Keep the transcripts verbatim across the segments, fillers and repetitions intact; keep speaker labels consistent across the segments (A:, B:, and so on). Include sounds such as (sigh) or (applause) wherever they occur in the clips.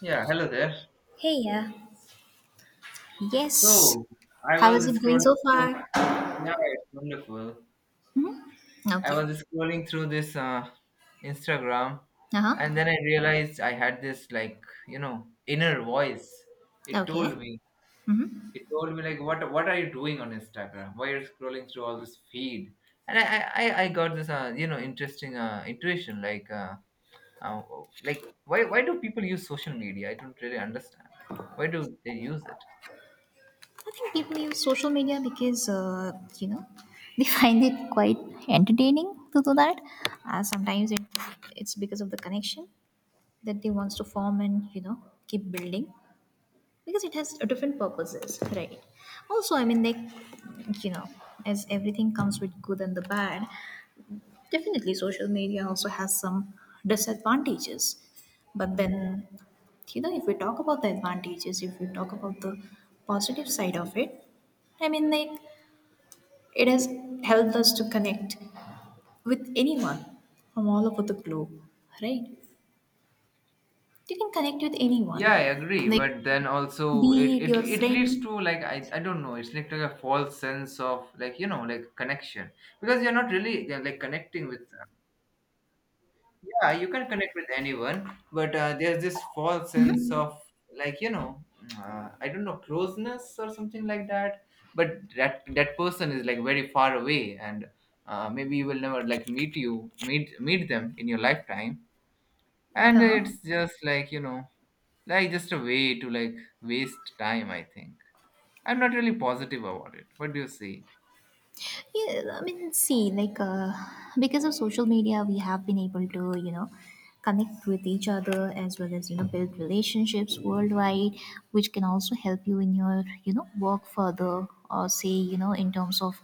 A: Yeah, hello there.
B: Hey, yeah. Yes.
A: So I
B: How is it
A: was
B: going
A: scrolling
B: so
A: through.
B: far?
A: Yeah, it's wonderful. I
B: Okay.
A: was scrolling through this uh, Instagram,
B: Uh
A: and
B: huh.
A: then I realized I had this like you know inner voice. It
B: Okay.
A: told me.
B: Mm-hmm.
A: It told me like, what what are you doing on Instagram? Why are you scrolling through all this feed? And I I, I I got this uh, you know interesting uh, intuition like uh, uh, like why why do people use social media? I don't really understand. Why do they use it?
B: I think people use social media because, uh, you know, (laughs) they find it quite entertaining to do that. Uh, sometimes it, it's because of the connection that they wants to form and, you know, keep building because it has different purposes, right? Also, I mean, like, you know, as everything comes with good and the bad, definitely, social media also has some disadvantages. But then, you know, if we talk about the advantages, if we talk about the positive side of it, I mean, like, it has helped us to connect with anyone from all over the globe, right? You can connect with
A: Yeah, I
B: anyone,
A: agree,
B: like,
A: but then also it
B: be it
A: it
B: your
A: it leads
B: friend.
A: to like I, I don't know, it's like, like a false sense of like you know like connection because you're not really uh, like connecting with, yeah, you can connect with anyone, but uh, there's this false sense of like you know uh, I don't know closeness or something like that, but that that person is like very far away, and uh, maybe you will never like meet you meet meet them in your lifetime, and
B: Uh-huh.
A: it's just like you know like just a way to like waste time, I think. I'm not really positive about it. What do you see?
B: Yeah, I mean, see, like, uh, because of social media, we have been able to, you know, connect with each other as well as, you know, build relationships worldwide, which can also help you in your, you know, work further or say, you know, in terms of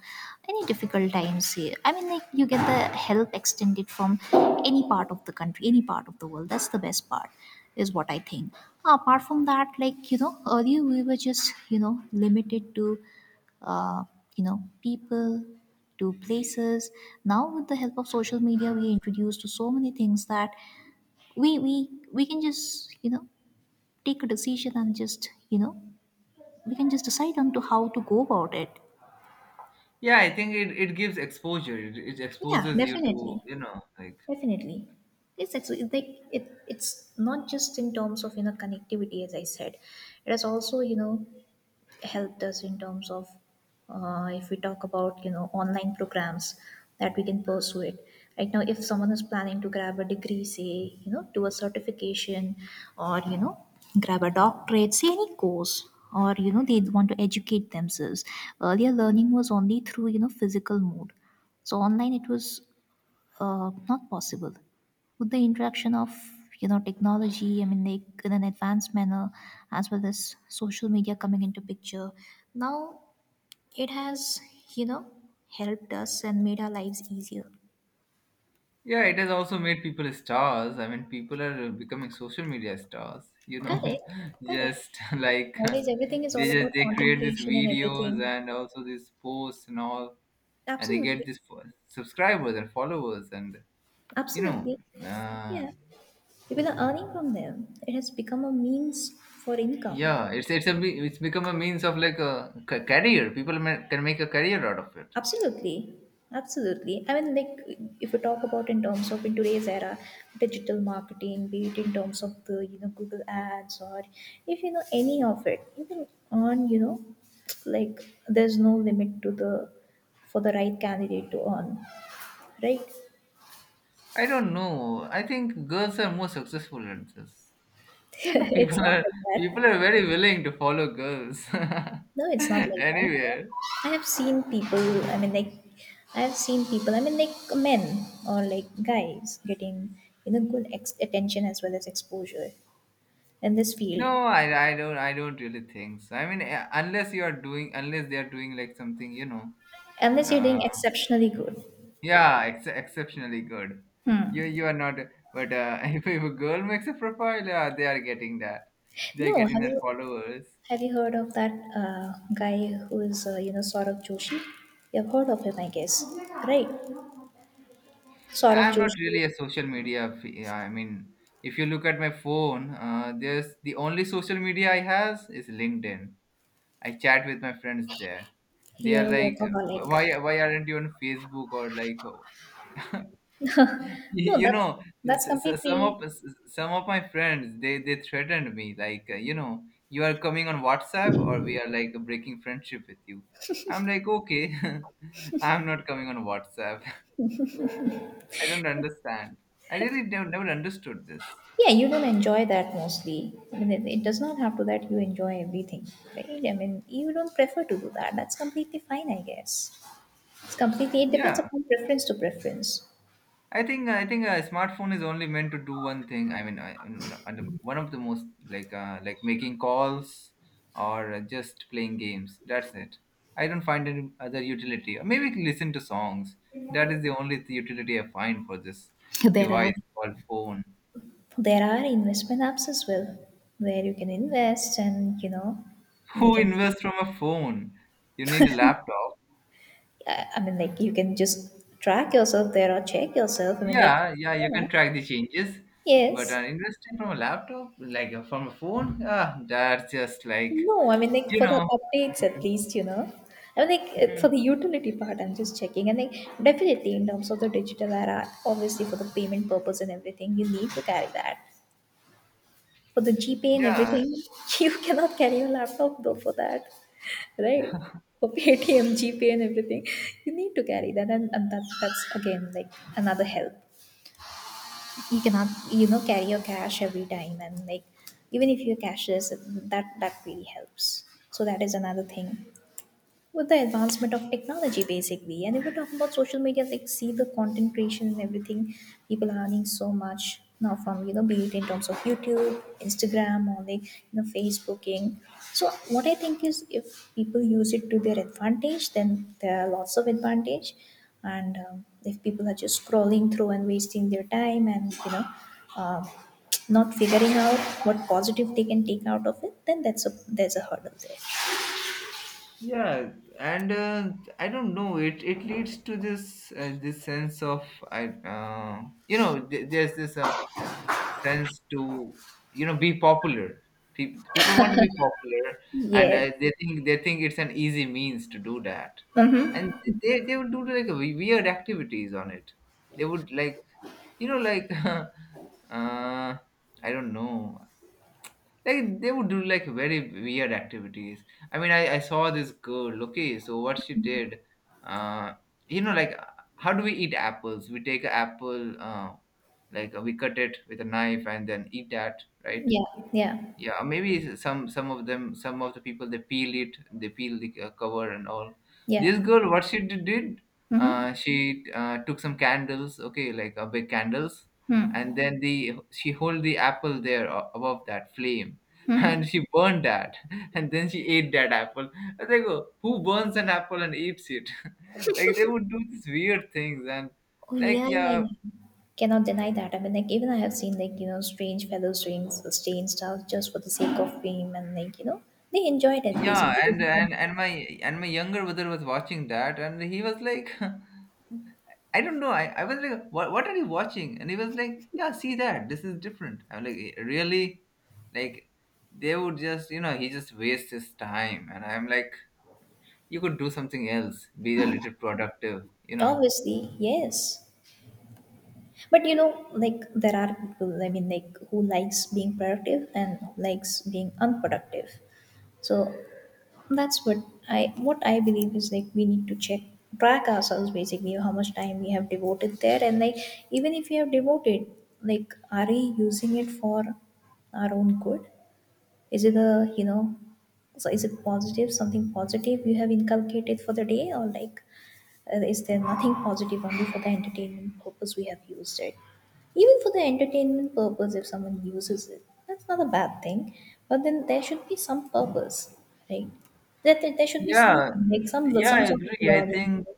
B: any difficult times. Here. I mean, like, you get the help extended from any part of the country, any part of the world. That's the best part, is what I think. Apart from that, like, you know, earlier we were just, you know, limited to uh, you know, people, to places. Now, with the help of social media, we are introduced to so many things that we we we can just, you know, take a decision and just, you know, we can just decide on to how to go about it.
A: Yeah, I think it, it gives exposure. It, it
B: Yeah,
A: exposes you
B: definitely,
A: to you know like,
B: definitely. It's actually, it's like, it it's not just in terms of, you know, connectivity, as I said. It is also, you know, helped us in terms of, uh, if we talk about, you know, online programs that we can pursue it. Right now, if someone is planning to grab a degree, say, you know, do a certification, or, you know, grab a doctorate, say any course, or, you know, they want to educate themselves. Earlier, learning was only through, you know, physical mode. So online it was, uh, not possible. With the interaction of, you know, technology, I mean, like in an advanced manner, as well as social media coming into picture, now it has, you know, helped us and made our lives easier.
A: yeah, it has also made people stars. I mean, people are becoming social media stars, you know,
B: Correct,
A: (laughs)
B: correct.
A: just like
B: Nowadays,
A: they
B: everything is all about
A: just they
B: content
A: create these
B: creation and
A: videos
B: everything.
A: and also these posts and all, and they get
B: Absolutely,
A: these fo- subscribers and followers and you know
B: absolutely.
A: uh,
B: Yeah, people are earning from them. It has become a means for income.
A: yeah, it's it's a me- it's become a means of like a ca- career. People ma- can make a career out of it.
B: Absolutely. Absolutely. I mean, like, if we talk about in terms of in today's era, digital marketing, be it in terms of the, you know, Google ads or if you know any of it, even on, you know, like there's no limit to the for the right candidate to earn, right? (laughs)
A: I don't know. I think girls are more successful at this. You know, (laughs) people
B: It's not
A: are,
B: like
A: people
B: that.
A: are very willing to follow girls
B: No,
A: (laughs)
B: it's not like that.
A: anywhere.
B: I have seen people, I mean, like, I have seen people, I mean, like, men or like guys getting, you know, good ex- attention as well as exposure in this field,
A: No, I, I don't, I don't really think so. I mean, eh, unless you are doing, unless they are doing like something you know
B: unless you're doing
A: uh,
B: exceptionally good.
A: yeah, ex- exceptionally good.
B: Hmm.
A: You you are not, but uh, (laughs) if, if a girl makes a profile, uh, they are getting that. They are
B: No,
A: getting
B: have
A: that
B: you
A: followers.
B: have you heard of that uh, guy who is, uh, you know, Saurabh Joshi? You've heard of him, I guess, right? Saurabh
A: I'm not
B: Joshi,
A: really a social media. F- yeah, I mean, if you look at my phone, uh, there's the only social media I has is LinkedIn. I chat with my friends there. They
B: you're
A: are
B: a
A: like,
B: workaholic.
A: why why aren't you on Facebook or like (laughs)
B: No,
A: you
B: that's
A: know
B: that's
A: s- s- s- some
B: completely.
A: of s- some of my friends, they they threatened me like uh, you know, you are coming on WhatsApp or we are like breaking friendship with you. I'm like, okay. (laughs) I'm not coming on WhatsApp. (laughs) I don't understand. I really nev- never understood this.
B: Yeah, you don't enjoy that mostly. I mean, it, it does not have to that you enjoy everything, right? I mean, you don't prefer to do that. That's completely fine, I guess. It's completely, it depends
A: Yeah,
B: upon preference to preference.
A: I think I think a smartphone is only meant to do one thing. I mean, I, and one of the most like uh, like making calls or just playing games. That's it. I don't find any other utility. Or maybe listen to songs. That is the only utility I find for this
B: There are,
A: device called phone.
B: there are investment apps as well where you can invest, and, you know,
A: (laughs)
B: you
A: Who
B: can,
A: invests from a phone? You need a laptop.
B: i I mean, like, you can just track yourself there or check yourself, I mean, like,
A: Yeah, yeah, you
B: yeah,
A: can track the changes. But
B: yes.
A: uh, investing from a laptop, like uh, from a phone, ah, that's just like
B: No, I mean, like,
A: you
B: for the
A: know.
B: updates at least, you know. I mean, like, uh,
A: Hmm.
B: for the utility part, I'm just checking. And, like, definitely in terms of the digital era, obviously for the payment purpose and everything, you need to carry that. For the GPay and
A: Yeah,
B: everything, (laughs) you cannot carry your laptop, though, for that, right? For Paytm, GPay and everything, you need to carry that. And, and that, that's, again, like, another help. You cannot, you know, carry your cash every time. And, like, even if you're cashless, that, that really helps. So that is another thing. With the advancement of technology basically, and if we are talking about social media, like, see, the content creation and everything, people are earning so much now from, you know, be it in terms of YouTube, Instagram, or, like, you know, Facebooking. So what I think is, if people use it to their advantage, then there are lots of advantage. And um, if people are just scrolling through and wasting their time and, you know, um, not figuring out what positive they can take out of it, then that's a, there's a hurdle there.
A: yeah, and uh, I don't know, it it leads to this uh, this sense of I uh, you know, th- there's this uh, sense to you know be popular. Pe- people want to be popular, and
B: Yes.
A: uh, they think they think it's an easy means to do that, and they, they would do like we- weird activities on it. They would like you know like (laughs) uh, I don't know, like they would do like very weird activities. I mean, I, I saw this girl. Okay, so what she did, uh, you know, like uh, how do we eat apples? We take an apple, uh, like uh, we cut it with a knife and then eat that, right?
B: Yeah, yeah,
A: Yeah, maybe some some of them, some of the people, they peel it, they peel the uh, cover and all.
B: yeah.
A: This girl, what she d- did,
B: Mm-hmm.
A: uh, she uh, took some candles, okay, like uh, big candles, and
B: Mm-hmm.
A: then the she hold the apple there uh, above that flame (laughs) and she burned that (laughs) and then she ate that apple. I was like, "Oh, who burns an apple and eats it?" (laughs) Like, they would do these weird things, and
B: Oh
A: like,
B: yeah, yeah,
A: yeah,
B: yeah. Cannot deny that. I mean, like, even I have seen, like, you know, strange fellows doing s- strange stuff just for the sake of fame, and, like, you know, they enjoyed it
A: yeah,
B: basically. They
A: and
B: just wanted
A: and and my,
B: to-
A: and my younger brother was watching that, and he was like, (laughs) I don't know. I, I was like, what what are you watching? And he was like, yeah, see that. This is different. I'm like, "Eh, really? Like, they would just, you know, he just wastes his time." And I'm like, you could do something else. Be a little productive, you know.
B: Obviously, yes. But you know, like, there are people. I mean, like, who likes being productive and likes being unproductive. So that's what, I what I believe is, like, we need to check, track ourselves basically how much time we have devoted there, and, like, even if we have devoted, like, are we using it for our own good? Is it a, you know, so is it positive, something positive you have inculcated for the day, or, like, uh, is there nothing positive only for the entertainment purpose we have used it? Even for the entertainment purpose, if someone uses it, that's not a bad thing. But then there should be some purpose, right? That there, there should be
A: Yeah,
B: something, like some
A: yeah, I
B: some sort of
A: agree. I
B: learning.
A: think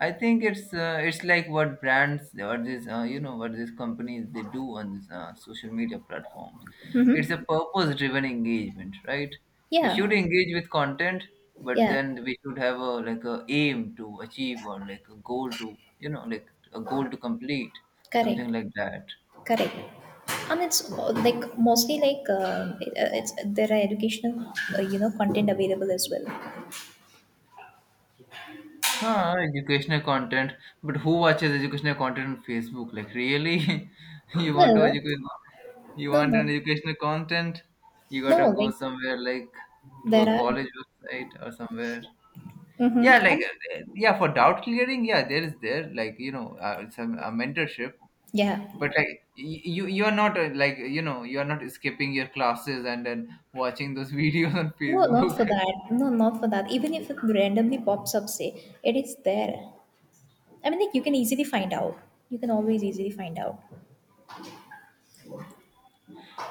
A: I think it's uh, it's like what brands or this uh, you know, what these companies they do on these uh, social media platforms. It's a
B: Hmm.
A: purpose-driven engagement, right? We
B: Yeah,
A: should engage with content, but
B: yeah,
A: then we should have a like a aim to achieve or like a goal to you know like a goal to complete
B: correct.
A: something like that.
B: Correct. And it's mo- like mostly like uh, it, uh, it's there are educational uh, you know content available as well.
A: Ah, educational content, but who watches educational content on Facebook? Like really, (laughs)
B: No,
A: you want
B: no,
A: to
B: no,
A: educate, you
B: no,
A: want
B: no.
A: an educational content, you gotta
B: No,
A: go
B: like
A: somewhere like to
B: there
A: a
B: are.
A: college website or somewhere. Yeah,
B: Mm-hmm.
A: like
B: Um,
A: uh, yeah, for doubt clearing, yeah, there is there like you know uh, some a mentorship,
B: yeah.
A: but like y- you you are not uh, like you know you are not skipping your classes and then watching those (laughs) videos on
B: No, not for
A: Facebook.
B: that. No, not for that. Even if it randomly pops up, say, it is there. I mean, like, you can easily find out. You can always easily find out.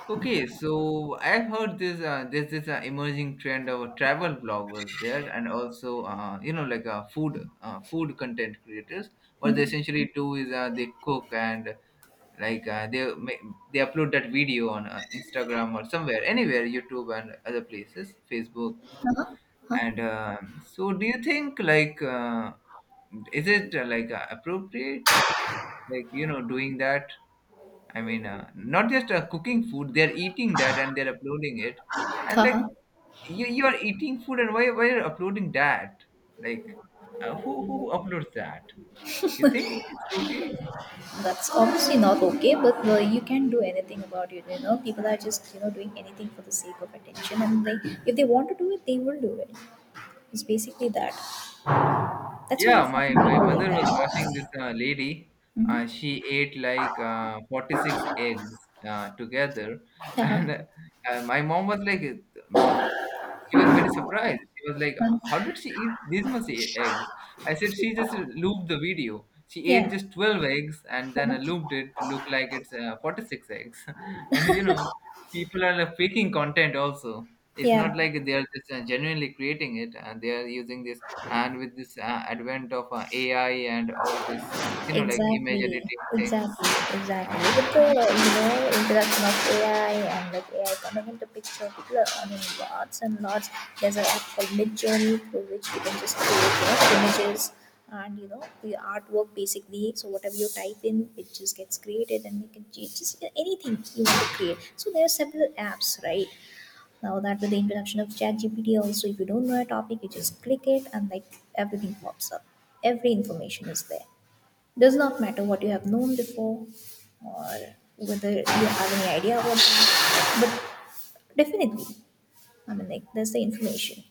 A: Okay, so I've heard this. Uh, there's this uh, emerging trend of travel bloggers there, and also uh, you know like uh, food uh, food content creators. What they essentially do is uh, they cook and like uh, they ma- they upload that video on uh, Instagram or somewhere, anywhere, YouTube and other places, Facebook.
B: Huh?
A: And um, so, do you think like uh, is it uh, like uh, appropriate, like you know, doing that? I mean, uh, not just uh, cooking food; they're eating that, and they're uploading it. And like,
B: Haha.
A: you you are eating food, and why why you're uploading that? Like, uh, who who uploads that? You think it's okay?
B: That's obviously not okay, but uh, you can't do anything about it. You know, people are just, you know, doing anything for the sake of attention, and they, if they want to do it, they will do it. It's basically that. That's why you
A: Yeah,
B: find
A: my my
B: people
A: mother
B: like
A: was watching
B: that.
A: this uh, lady. Uh,
B: Mm-hmm.
A: she ate like uh, forty-six eggs uh, together, (laughs)
B: Uh-huh.
A: and uh, my mom was like, uh, my, my she was very surprised. She was like,
B: Uh,
A: "How did she eat this much e- eggs?" I said, "She just looped the video. She ate
B: yeah.
A: just twelve eggs and then
B: Uh-huh.
A: looped it to look like it's uh, forty-six eggs." (laughs) And you know, people are like, faking content also. It's
B: Yeah.
A: not like they are just uh, genuinely creating it, and they are using this. And with this uh, advent of uh, A I and all this, you know, like image
B: Exactly,
A: editing things,
B: exactly, exactly.
A: and
B: With the,
A: uh,
B: you know, introduction of A I, and like A I coming into picture, people are earning lots and lots. There's an app called Midjourney through which you can just create, you know, images, and, you know, the artwork basically. So whatever you type in, it just gets created, and you can change just anything you want to create. So there are several apps, right? Now that with the introduction of ChatGPT, also if you don't know a topic, you just click it and like everything pops up. Every information is there, does not matter what you have known before, or whether you have any idea about them. But definitely, I mean, like, there's the information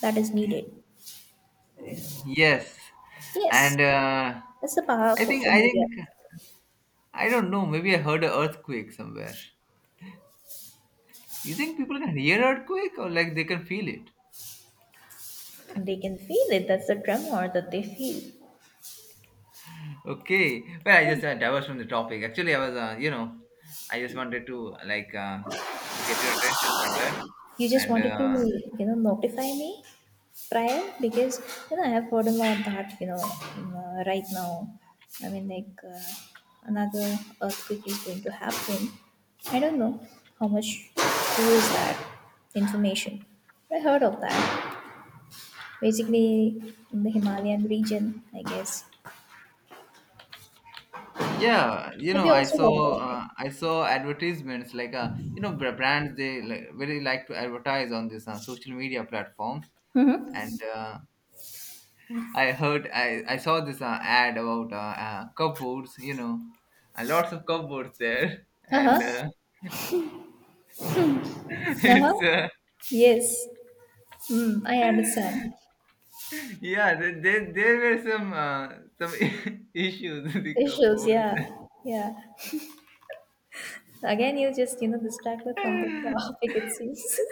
B: that is needed.
A: yes,
B: Yes,
A: and uh,
B: that's the power of
A: I think
B: social
A: I
B: media.
A: think I don't know. Maybe I heard a earthquake somewhere. Do you think people can hear earthquake or like they can feel it?
B: They can feel it. That's the tremor that they feel.
A: Okay. Well, I
B: Yeah.
A: just uh, diverged from the topic. Actually, I was, uh, you know, I just wanted to like uh, get your attention somewhere.
B: You just
A: And
B: wanted to,
A: uh,
B: you know, notify me prior because, you know, I have heard a lot that, you know, um, uh, right now, I mean, like, uh, another earthquake is going to happen. I don't know how much true is that information. I heard of that basically in the Himalayan region, I guess.
A: yeah, you
B: Have
A: know,
B: you
A: I
B: also heard about
A: saw
B: it?
A: uh, I saw advertisements like uh, you know, br- brands they like, very like to advertise on this uh, social media platforms
B: Mm-hmm.
A: and uh, I heard, I, I saw this uh, ad about uh, uh, cupboards, you know, uh, lots of cupboards there.
B: Uh
A: And uh,
B: huh.
A: (laughs)
B: Uh huh.
A: it's, uh,
B: Yes. Mm, I understand.
A: yeah, th- there, there were some uh, some (laughs) issues with the
B: Issues.
A: cupboards.
B: Yeah. Yeah. Again, you just, you know, distracted from the (laughs) topic. It seems. (laughs)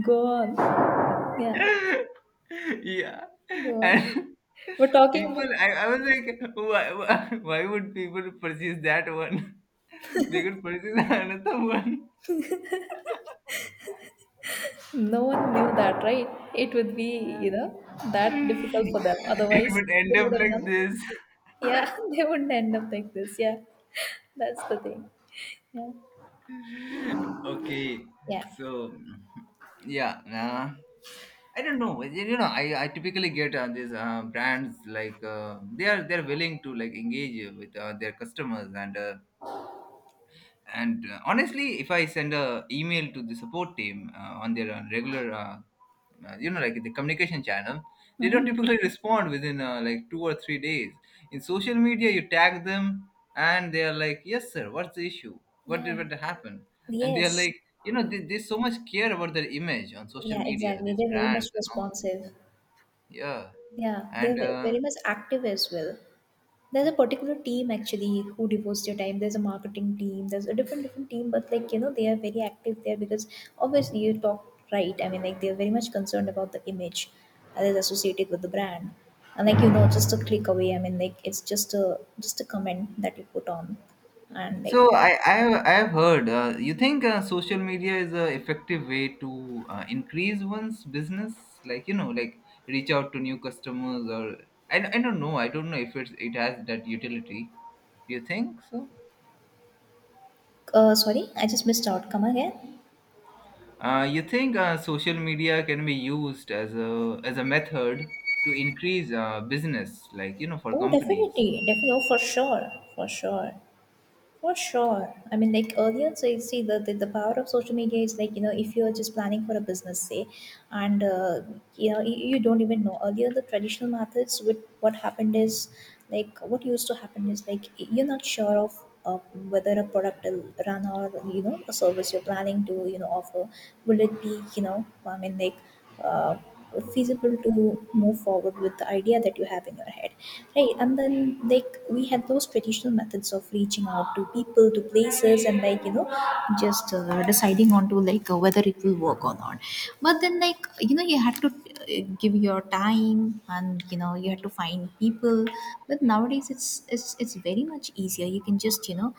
B: Go on. Yeah,
A: (laughs) Yeah.
B: go on.
A: And
B: We're
A: (laughs)
B: talking
A: people,
B: about
A: I, I was like, why, (laughs) why why would people purchase that one? (laughs) They could purchase another one.
B: no one knew that, right? It would be, you know,
A: (laughs)
B: that difficult for them.
A: It
B: Otherwise,
A: would
B: they
A: end up
B: would have
A: like
B: done.
A: this.
B: Yeah, (laughs) they wouldn't end up like this. Yeah, that's the thing. Yeah.
A: (laughs) Okay,
B: Yeah.
A: so, yeah, uh, I don't know, you know, i, I typically get uh, these uh, brands like uh, they are they're willing to like engage with uh, their customers, and uh, and uh, honestly, if I send a email to the support team uh, on their uh, regular, uh, uh, you know, like the communication channel, they don't (laughs)
B: Mm-hmm.
A: typically respond within uh, like two or three days. In social media, you tag them and they are like, "Yes, sir. What's the issue? What
B: Yeah.
A: did what happened?" And they are
B: Yes.
A: like, you know, they, they so much care about their image on social
B: Yeah,
A: media,
B: exactly.
A: these
B: They're very much
A: brands and all.
B: responsive.
A: Yeah,
B: Yeah,
A: and
B: they're ve-
A: uh,
B: very much active as well. There's a particular team actually who devotes their time. There's a marketing team. There's a different different team, but, like, you know, they are very active there because obviously you talk, right. I mean, like, they are very much concerned about the image that is associated with the brand, and, like, you know, just a click away. I mean, like, it's just a, just a comment that you put on, and,
A: so
B: like,
A: I I have, I have heard. Uh, you think uh, social media is a effective way to uh, increase one's business, like you know, like reach out to new customers, or I, I don't know. I don't know if it's it has that utility. You think so?
B: uh, sorry, I just missed out. Come again?
A: Uh, you think uh, social media can be used as a as a method to increase uh, business, like you know, for
B: Oh,
A: companies?
B: definitely, definitely. Oh, for sure, for sure. For sure. I mean, like earlier, so you see the, the, the power of social media is like, you know, if you're just planning for a business, say, and, uh, you know, you, you don't even know. Earlier, the traditional methods with what happened is like, what used to happen is like, you're not sure of uh, whether a product will run or, you know, a service you're planning to, you know, offer. Will it be, you know, I mean, like, uh, feasible to move forward with the idea that you have in your head, right? And then, like, we had those traditional methods of reaching out to people, to places, and, like, you know just uh, deciding on to, like, uh, whether it will work or not. But then, like, you know you had to uh, give your time, and, you know you had to find people. But nowadays, it's it's it's very much easier. You can just, you know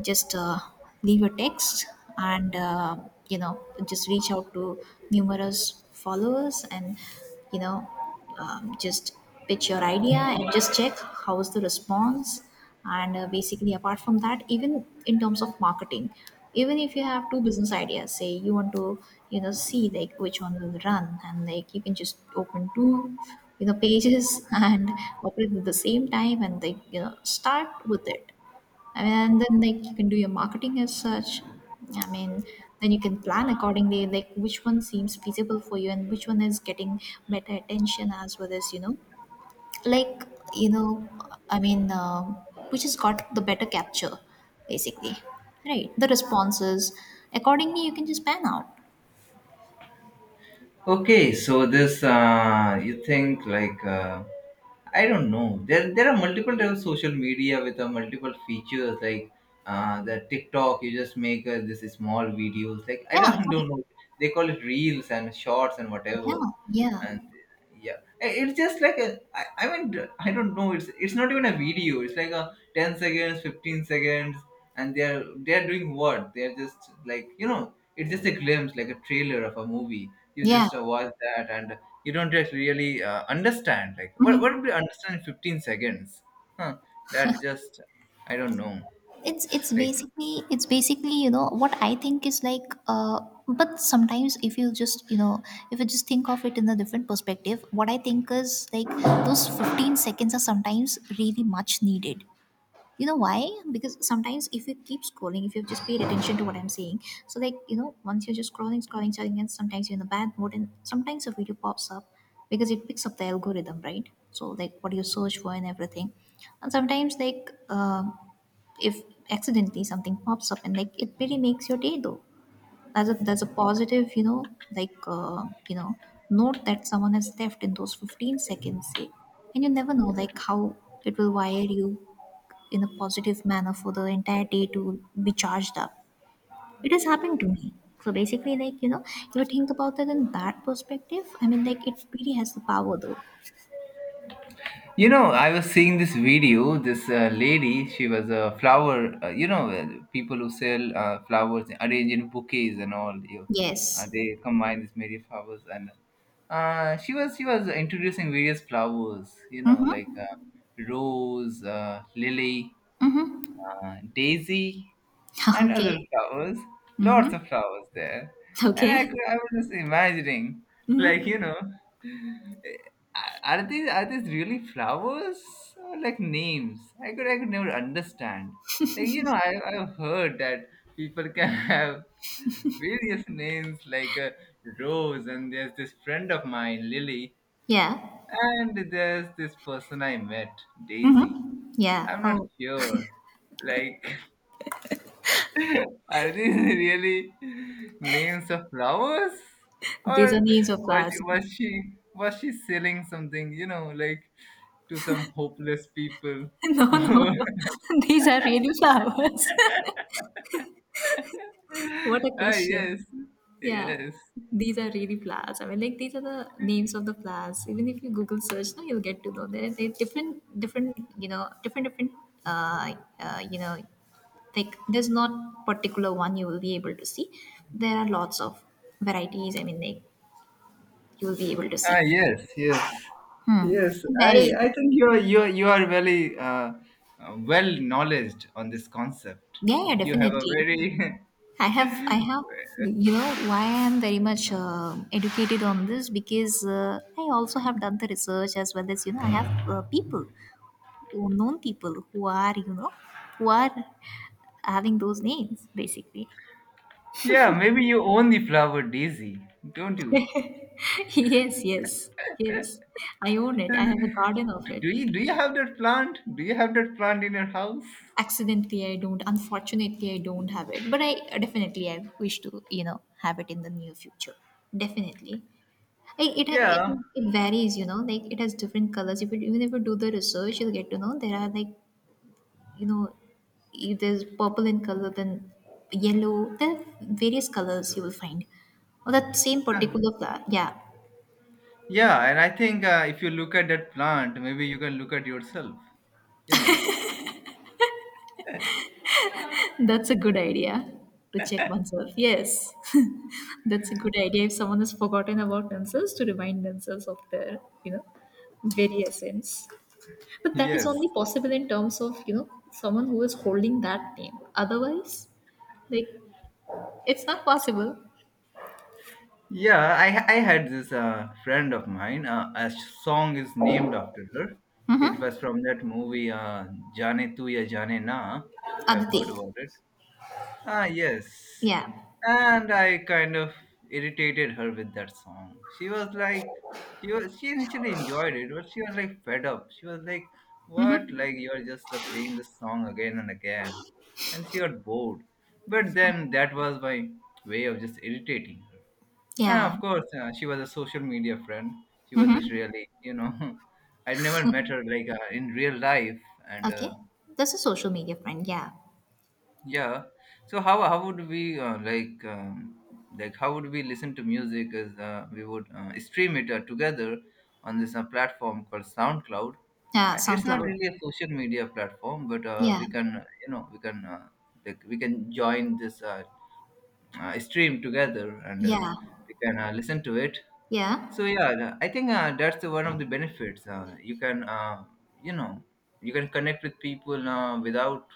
B: just uh, leave a text, and, uh, you know just reach out to numerous followers, and, you know um, just pitch your idea and just check how is the response. And, uh, basically, apart from that, even in terms of marketing, even if you have two business ideas, say you want to, you know see, like, which one will run, and, like, you can just open two, you know pages (laughs) and operate at the same time, and, like, you know start with it. I mean, and then, like, you can do your marketing as such. I mean, then you can plan accordingly, like which one seems feasible for you, and which one is getting better attention, as well as, you know, like, you know, I mean, um which has got the better capture, basically, right? The responses. Accordingly, you can just pan out.
A: Okay, so this uh, you think like uh, I don't know. There there are multiple types of social media with uh, multiple features like uh, the TikTok. You just make uh, this small videos. Like I
B: Yeah,
A: don't (laughs)
B: correct.
A: don't know. They call it reels and shorts and whatever
B: Yeah, yeah,
A: and yeah I- it's just like a I, I mean I don't know it's it's not even a video, it's like a ten seconds, fifteen seconds. And they're they're doing what? They're just like you know, it's just a glimpse, like a trailer of a movie. You
B: yeah.
A: just uh, watch that and you don't just really uh, understand like what
B: Hmm.
A: what would you understand in fifteen seconds? Huh that's just i don't know
B: It's it's
A: like
B: basically, it's basically you know what I think is like, uh but sometimes, if you just, you know if you just think of it in a different perspective, what I think is like those fifteen seconds are sometimes really much needed. You know why? Because sometimes, if you keep scrolling, if you've just paid attention to what I'm saying, so, like, you know once you're just scrolling, scrolling, scrolling, and sometimes you're in a bad mood, and sometimes a video pops up, because it picks up the algorithm, right? So, like, what you search for, and everything. And sometimes, like, um if accidentally something pops up, and, like, it really makes your day though. That's a that's a positive, you know like, uh, you know note that someone has left in those fifteen seconds, say, and you never know like how it will wire you in a positive manner for the entire day to be charged up. It has happened to me. So, basically, like, you know, if you think about it in that perspective, I mean, like, it really has the power though.
A: You know, I was seeing this video. This uh, lady, she was a flower. Uh, you know, uh, people who sell uh, flowers, arrange in bouquets and all. You, uh,
B: Yes.
A: they combine these many flowers, and uh, she was she was introducing various flowers. You know, like
B: Mm-hmm. (laughs)
A: uh, rose, uh, lily, uh, daisy and other
B: Okay.
A: flowers, lots
B: Mm-hmm.
A: of flowers there. And I,
B: Okay.
A: could, I was just imagining, like,
B: Mm-hmm.
A: you know, eh, are these are these really flowers or like names? I could I could never understand. Like, you know, I, I've heard that people can (laughs) have various names like uh, Rose, and there's this friend of mine, Lily,
B: Yeah.
A: and there's this person I met, Daisy.
B: Mm-hmm. Yeah.
A: I'm not
B: Oh,
A: sure. Like, are these (laughs) really names of flowers?
B: these
A: Or
B: are names of
A: was she,
B: flowers. (laughs)
A: was she was she selling something, you know, like to some hopeless people?
B: No,
A: (laughs)
B: no, no. (laughs) These are really flowers. (laughs) What a
A: ah
B: question.
A: yes.
B: Yeah,
A: Yes.
B: these are really flowers. I mean, like, these are the names of the flowers. Even if you Google search, now you'll get to know. There, they different, different, you know, different, different, uh, uh, you know, like there's not particular one you will be able to see. There are lots of varieties. I mean, like, you will be able to
A: Ah
B: see.
A: yes, yes.
B: Hmm.
A: Yes.
B: It
A: I,
B: varies.
A: I think you are you are, you are very uh, uh, well knowledged on this concept.
B: Yeah, yeah,
A: You have a
B: definitely.
A: very
B: I have, I
A: (laughs)
B: have, you know, why I am very much uh, educated on this, because uh, I also have done the research, as well as, you know, I have, uh, people, or known people, who are, you know who are having those names, basically.
A: Yeah, maybe you own the flower daisy, don't you?
B: (laughs) Yes, yes, yes. I own it. I have a garden of
A: Do
B: it.
A: do you do you have that plant? Do you have that plant in your house?
B: Accidentally, I don't. Unfortunately, I don't have it, but I definitely I wish to, you know have it in the near future. Definitely. I, it, has- it
A: Yeah.
B: it varies, you know like, it has different colors. If you... even if you do the research, you'll get to know there are, like, you know if there's purple in color, then yellow. There are various colors you will find, oh that same particular flower. Yeah.
A: Yeah, and I think uh, if you look at that plant, maybe you can look at yourself. You know.
B: (laughs) That's a good idea, to check oneself. Yes. (laughs) That's a good idea, if someone has forgotten about themselves, to remind themselves of their, you know very essence. But that is
A: Yes.
B: only possible in terms of, you know someone who is holding that name. Otherwise, like, it's not possible.
A: Yeah, I I had this uh, friend of mine. Uh, a song is named after her. It
B: Mm-hmm.
A: was from that movie uh, "Jaane Tu Ya Jaane Na." If I've
B: Aditi.
A: heard about it. Ah, yes.
B: Yeah.
A: And I kind of irritated her with that song. She was like, she was, she initially enjoyed it, but she was like fed up. She was like, what? Like, you're just uh, playing this song again and again. And she got bored. But then that was my way of just irritating her. And
B: Yeah.
A: of course, uh, she was a social media friend. She wasn't really, you know, (laughs) I never met her like uh, in real life. And,
B: Okay.
A: uh,
B: That's a social media friend. Yeah.
A: yeah. So how how would we uh, like um, like how would we listen to music? As uh, we would uh, stream it uh, together on this uh, platform called SoundCloud.
B: Yeah.
A: Uh, It's not
B: SoundCloud.
A: really a social media platform, but uh,
B: Yeah.
A: we can you know we can uh, like we can join this uh, uh, stream together and uh,
B: Yeah.
A: we can uh, listen to it.
B: Yeah.
A: So yeah, the- I think uh, that's the one of the benefits. Uh, you can, uh, you know, you can connect with people uh, without,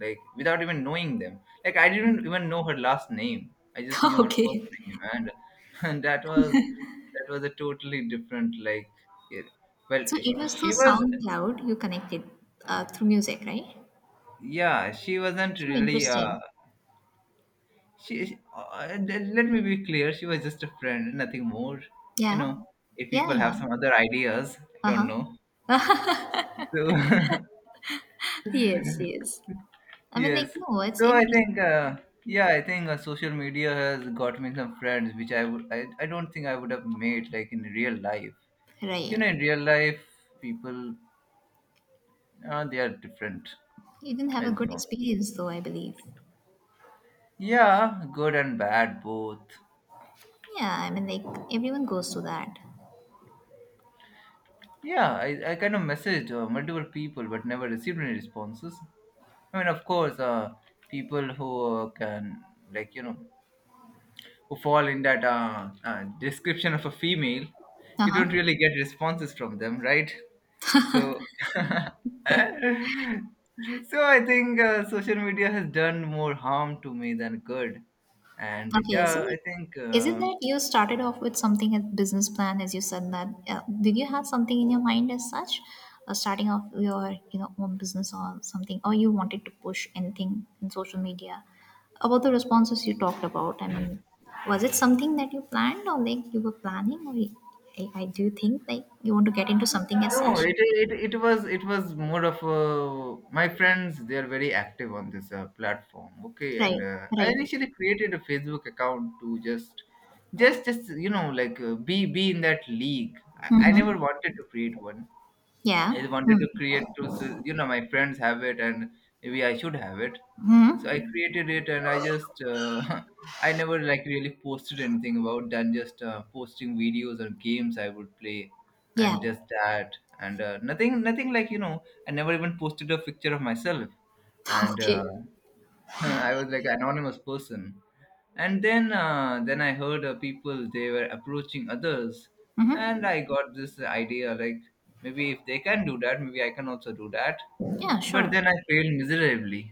A: like, without even knowing them. Like I didn't even know her last name. I just
B: (laughs)
A: knew her first
B: Okay.
A: name, and (laughs) and that was that was a totally different like. It, well,
B: So it
A: sh-
B: was through
A: she was,
B: SoundCloud you connected, uh, through music, right?
A: yeah, she wasn't
B: So
A: really. Uh,
B: interesting.
A: she, she uh, let let me be clear. She was just a friend, nothing more. You
B: Yeah.
A: know, if
B: Yeah.
A: people
B: Yeah.
A: have some other ideas, I
B: Uh
A: don't
B: huh.
A: know. So. (laughs)
B: Yes. Yes. I mean, like,
A: Yes.
B: no, it's
A: So I
B: interesting.
A: think, uh, yeah, I think uh, social media has got me some friends, which I would, I, I don't think I would have made like in real life. You know, in
B: Right.
A: real life, people, uh, they are different.
B: You didn't have
A: I
B: a
A: don't
B: good
A: know.
B: experience though, I believe.
A: Yeah, good and bad both.
B: Yeah. I mean, like, everyone goes through that.
A: Yeah, I, I kind of messaged uh, multiple people but never received any responses. I mean, of course, uh, people who uh, can, like, you know, who fall in that uh, uh, description of a female,
B: Uh
A: you don't
B: huh.
A: really get responses from them, right? So, (laughs) so I think uh, social media has done more harm to me than good. And
B: Okay, so,
A: yeah, I
B: like,
A: think.
B: is it
A: Uh,
B: that you started off with something as business plan, as you said that? Uh, did you have something in your mind as such, uh, starting off your, you know own business or something, or you wanted to push anything in social media? About the responses you talked about, I mean, was it something that you planned, or like you were planning, or you- I, I do you think like you want to get into something as
A: No,
B: such?
A: it, it it was it was more of a, my friends. They are very active on this uh, platform. Okay, and
B: Right,
A: uh, I
B: right.
A: initially created a Facebook account to just just just you know like uh, be be in that league. I, I
B: Mm-hmm.
A: never wanted to create one, I
B: Yeah.
A: wanted to create to so, you know my friends have it and maybe I should have it. So I
B: Mm-hmm.
A: created it and I just uh, (laughs) I never like really posted anything about than just uh, posting videos or games I would play
B: Yeah.
A: and just that and uh, nothing nothing like you know I never even posted a picture of myself
B: (laughs)
A: and
B: Okay.
A: uh, (laughs) I was like an anonymous person. And then uh, then I heard uh, people they were approaching others and I got this idea like maybe if they can do that maybe I can also do that,
B: Yeah,
A: but
B: sure.
A: then I failed miserably.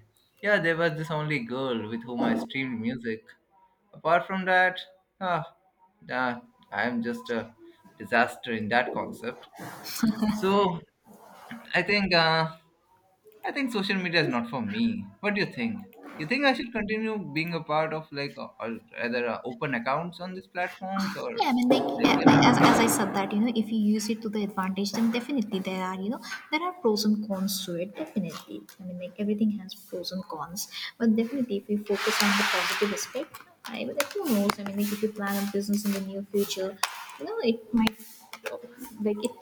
A: Yeah, there was this only girl with whom I streamed music. Apart from that, ah, ah I'm just a disaster in that concept. So I think uh, I think social media is not for me. What do you think? You think I should continue being a part of like uh, or rather uh, open accounts on these platforms or
B: Yeah, I mean, like,
A: like
B: a-
A: you know?
B: as, as I said that, you know, if you use it to the advantage, then, definitely, there are, you know there are pros and cons to it. Definitely, I mean, like, everything has pros and cons. But, definitely, if we focus on the positive aspect, I mean, like, who knows? I mean, like, if you plan a business in the near future, you know, it might... like it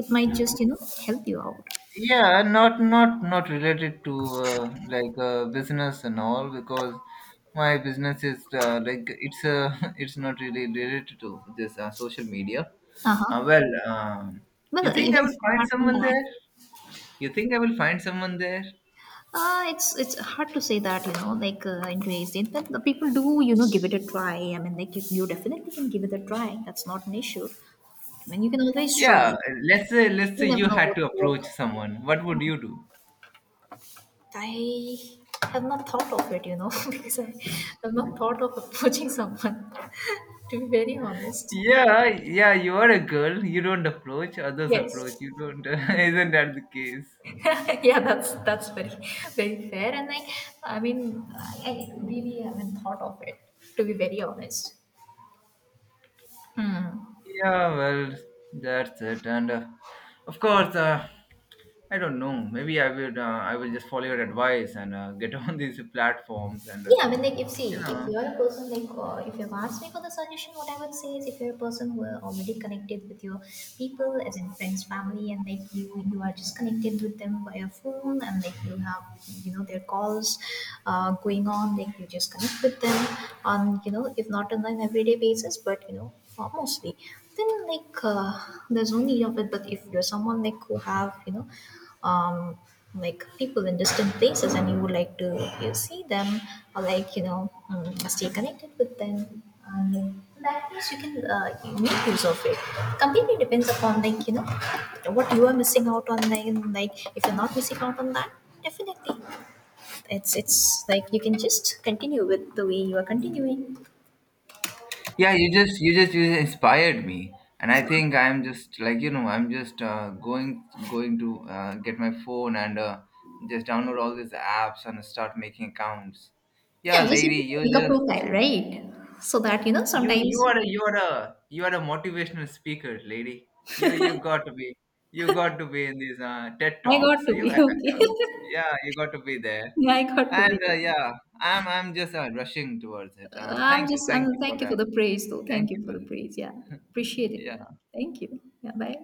B: it might just, you know help you out.
A: Yeah, not not not related to uh, like uh, business and all, because my business is uh, like it's uh, (laughs) it's not really related to this uh, social media.
B: Uh
A: Uh,
B: huh.
A: well, um,
B: Well,
A: you think
B: even
A: I will find
B: apart from
A: someone
B: that,
A: there? You think I will find someone there?
B: Uh, it's it's hard to say that, you know like, uh, in today's day, that the people do, you know, give it a try. I mean, like, you, you definitely can give it a try. That's not an issue. I mean, you can always try.
A: Yeah, let's say let's
B: You
A: say
B: never
A: you
B: know
A: had
B: what
A: to
B: will work.
A: approach someone. What would you do?
B: I have not thought of it, you know, (laughs) because I have not thought of approaching someone. (laughs) To be very honest.
A: Yeah, yeah, you are a girl. You don't approach, others
B: Yes.
A: approach. You don't. (laughs) Isn't that the case?
B: (laughs) Yeah, that's that's very, very fair. And I, I mean, I, I really haven't thought of it. To be very honest. Hmm.
A: Yeah, well, that's it. And uh, of course, uh, I don't know. Maybe I will. Uh, I will just follow your advice and uh, get (laughs) on these platforms. And uh,
B: Yeah, I mean, like, if see,
A: you
B: if
A: know,
B: you're a person, like, uh, if you've asked me for the suggestion, what I would say is, if you're a person who are already connected with your people, as in friends, family, and, like, you, you are just connected with them via phone, and, like, you have, you know, their calls, uh, going on, like you just connect with them on, you know, if not on an everyday basis, but, you know, uh, mostly, then, like, uh, there's no need of it. But if you're someone like, who have, you know, um like people in distant places, and you would like to, you see them, or, like, you know mm, stay connected with them. And in that case you can, uh, make use of it. Completely depends upon, like, you know what you are missing out on. Like, like if you're not missing out on that, definitely, it's it's like, you can just continue with the way you are continuing.
A: yeah, you just, you just, you just inspired me. And I think I'm just like you know, I'm just uh, going, going to uh, get my phone and uh, just download all these apps and start making accounts. Yeah,
B: Yeah, just at
A: lady,
B: least
A: you
B: make a profile,
A: just
B: right? So that, you know
A: You you
B: sometimes...
A: are a you are a you are a motivational speaker, lady. You you got to be you got to be in these uh, TED
B: I got
A: talks.
B: to
A: You
B: be.
A: have-
B: (laughs) Okay.
A: yeah you got to be there,
B: (laughs) I got to
A: and
B: be.
A: uh, yeah I'm I'm just uh, rushing towards it.
B: Uh,
A: Uh,
B: I'm
A: thank you
B: just,
A: thank
B: I'm
A: you for
B: thank you for
A: that.
B: the praise though.
A: Thank
B: Thank you
A: you
B: for
A: for
B: the praise. Yeah, appreciate it.
A: yeah.
B: Thank you. Yeah, bye.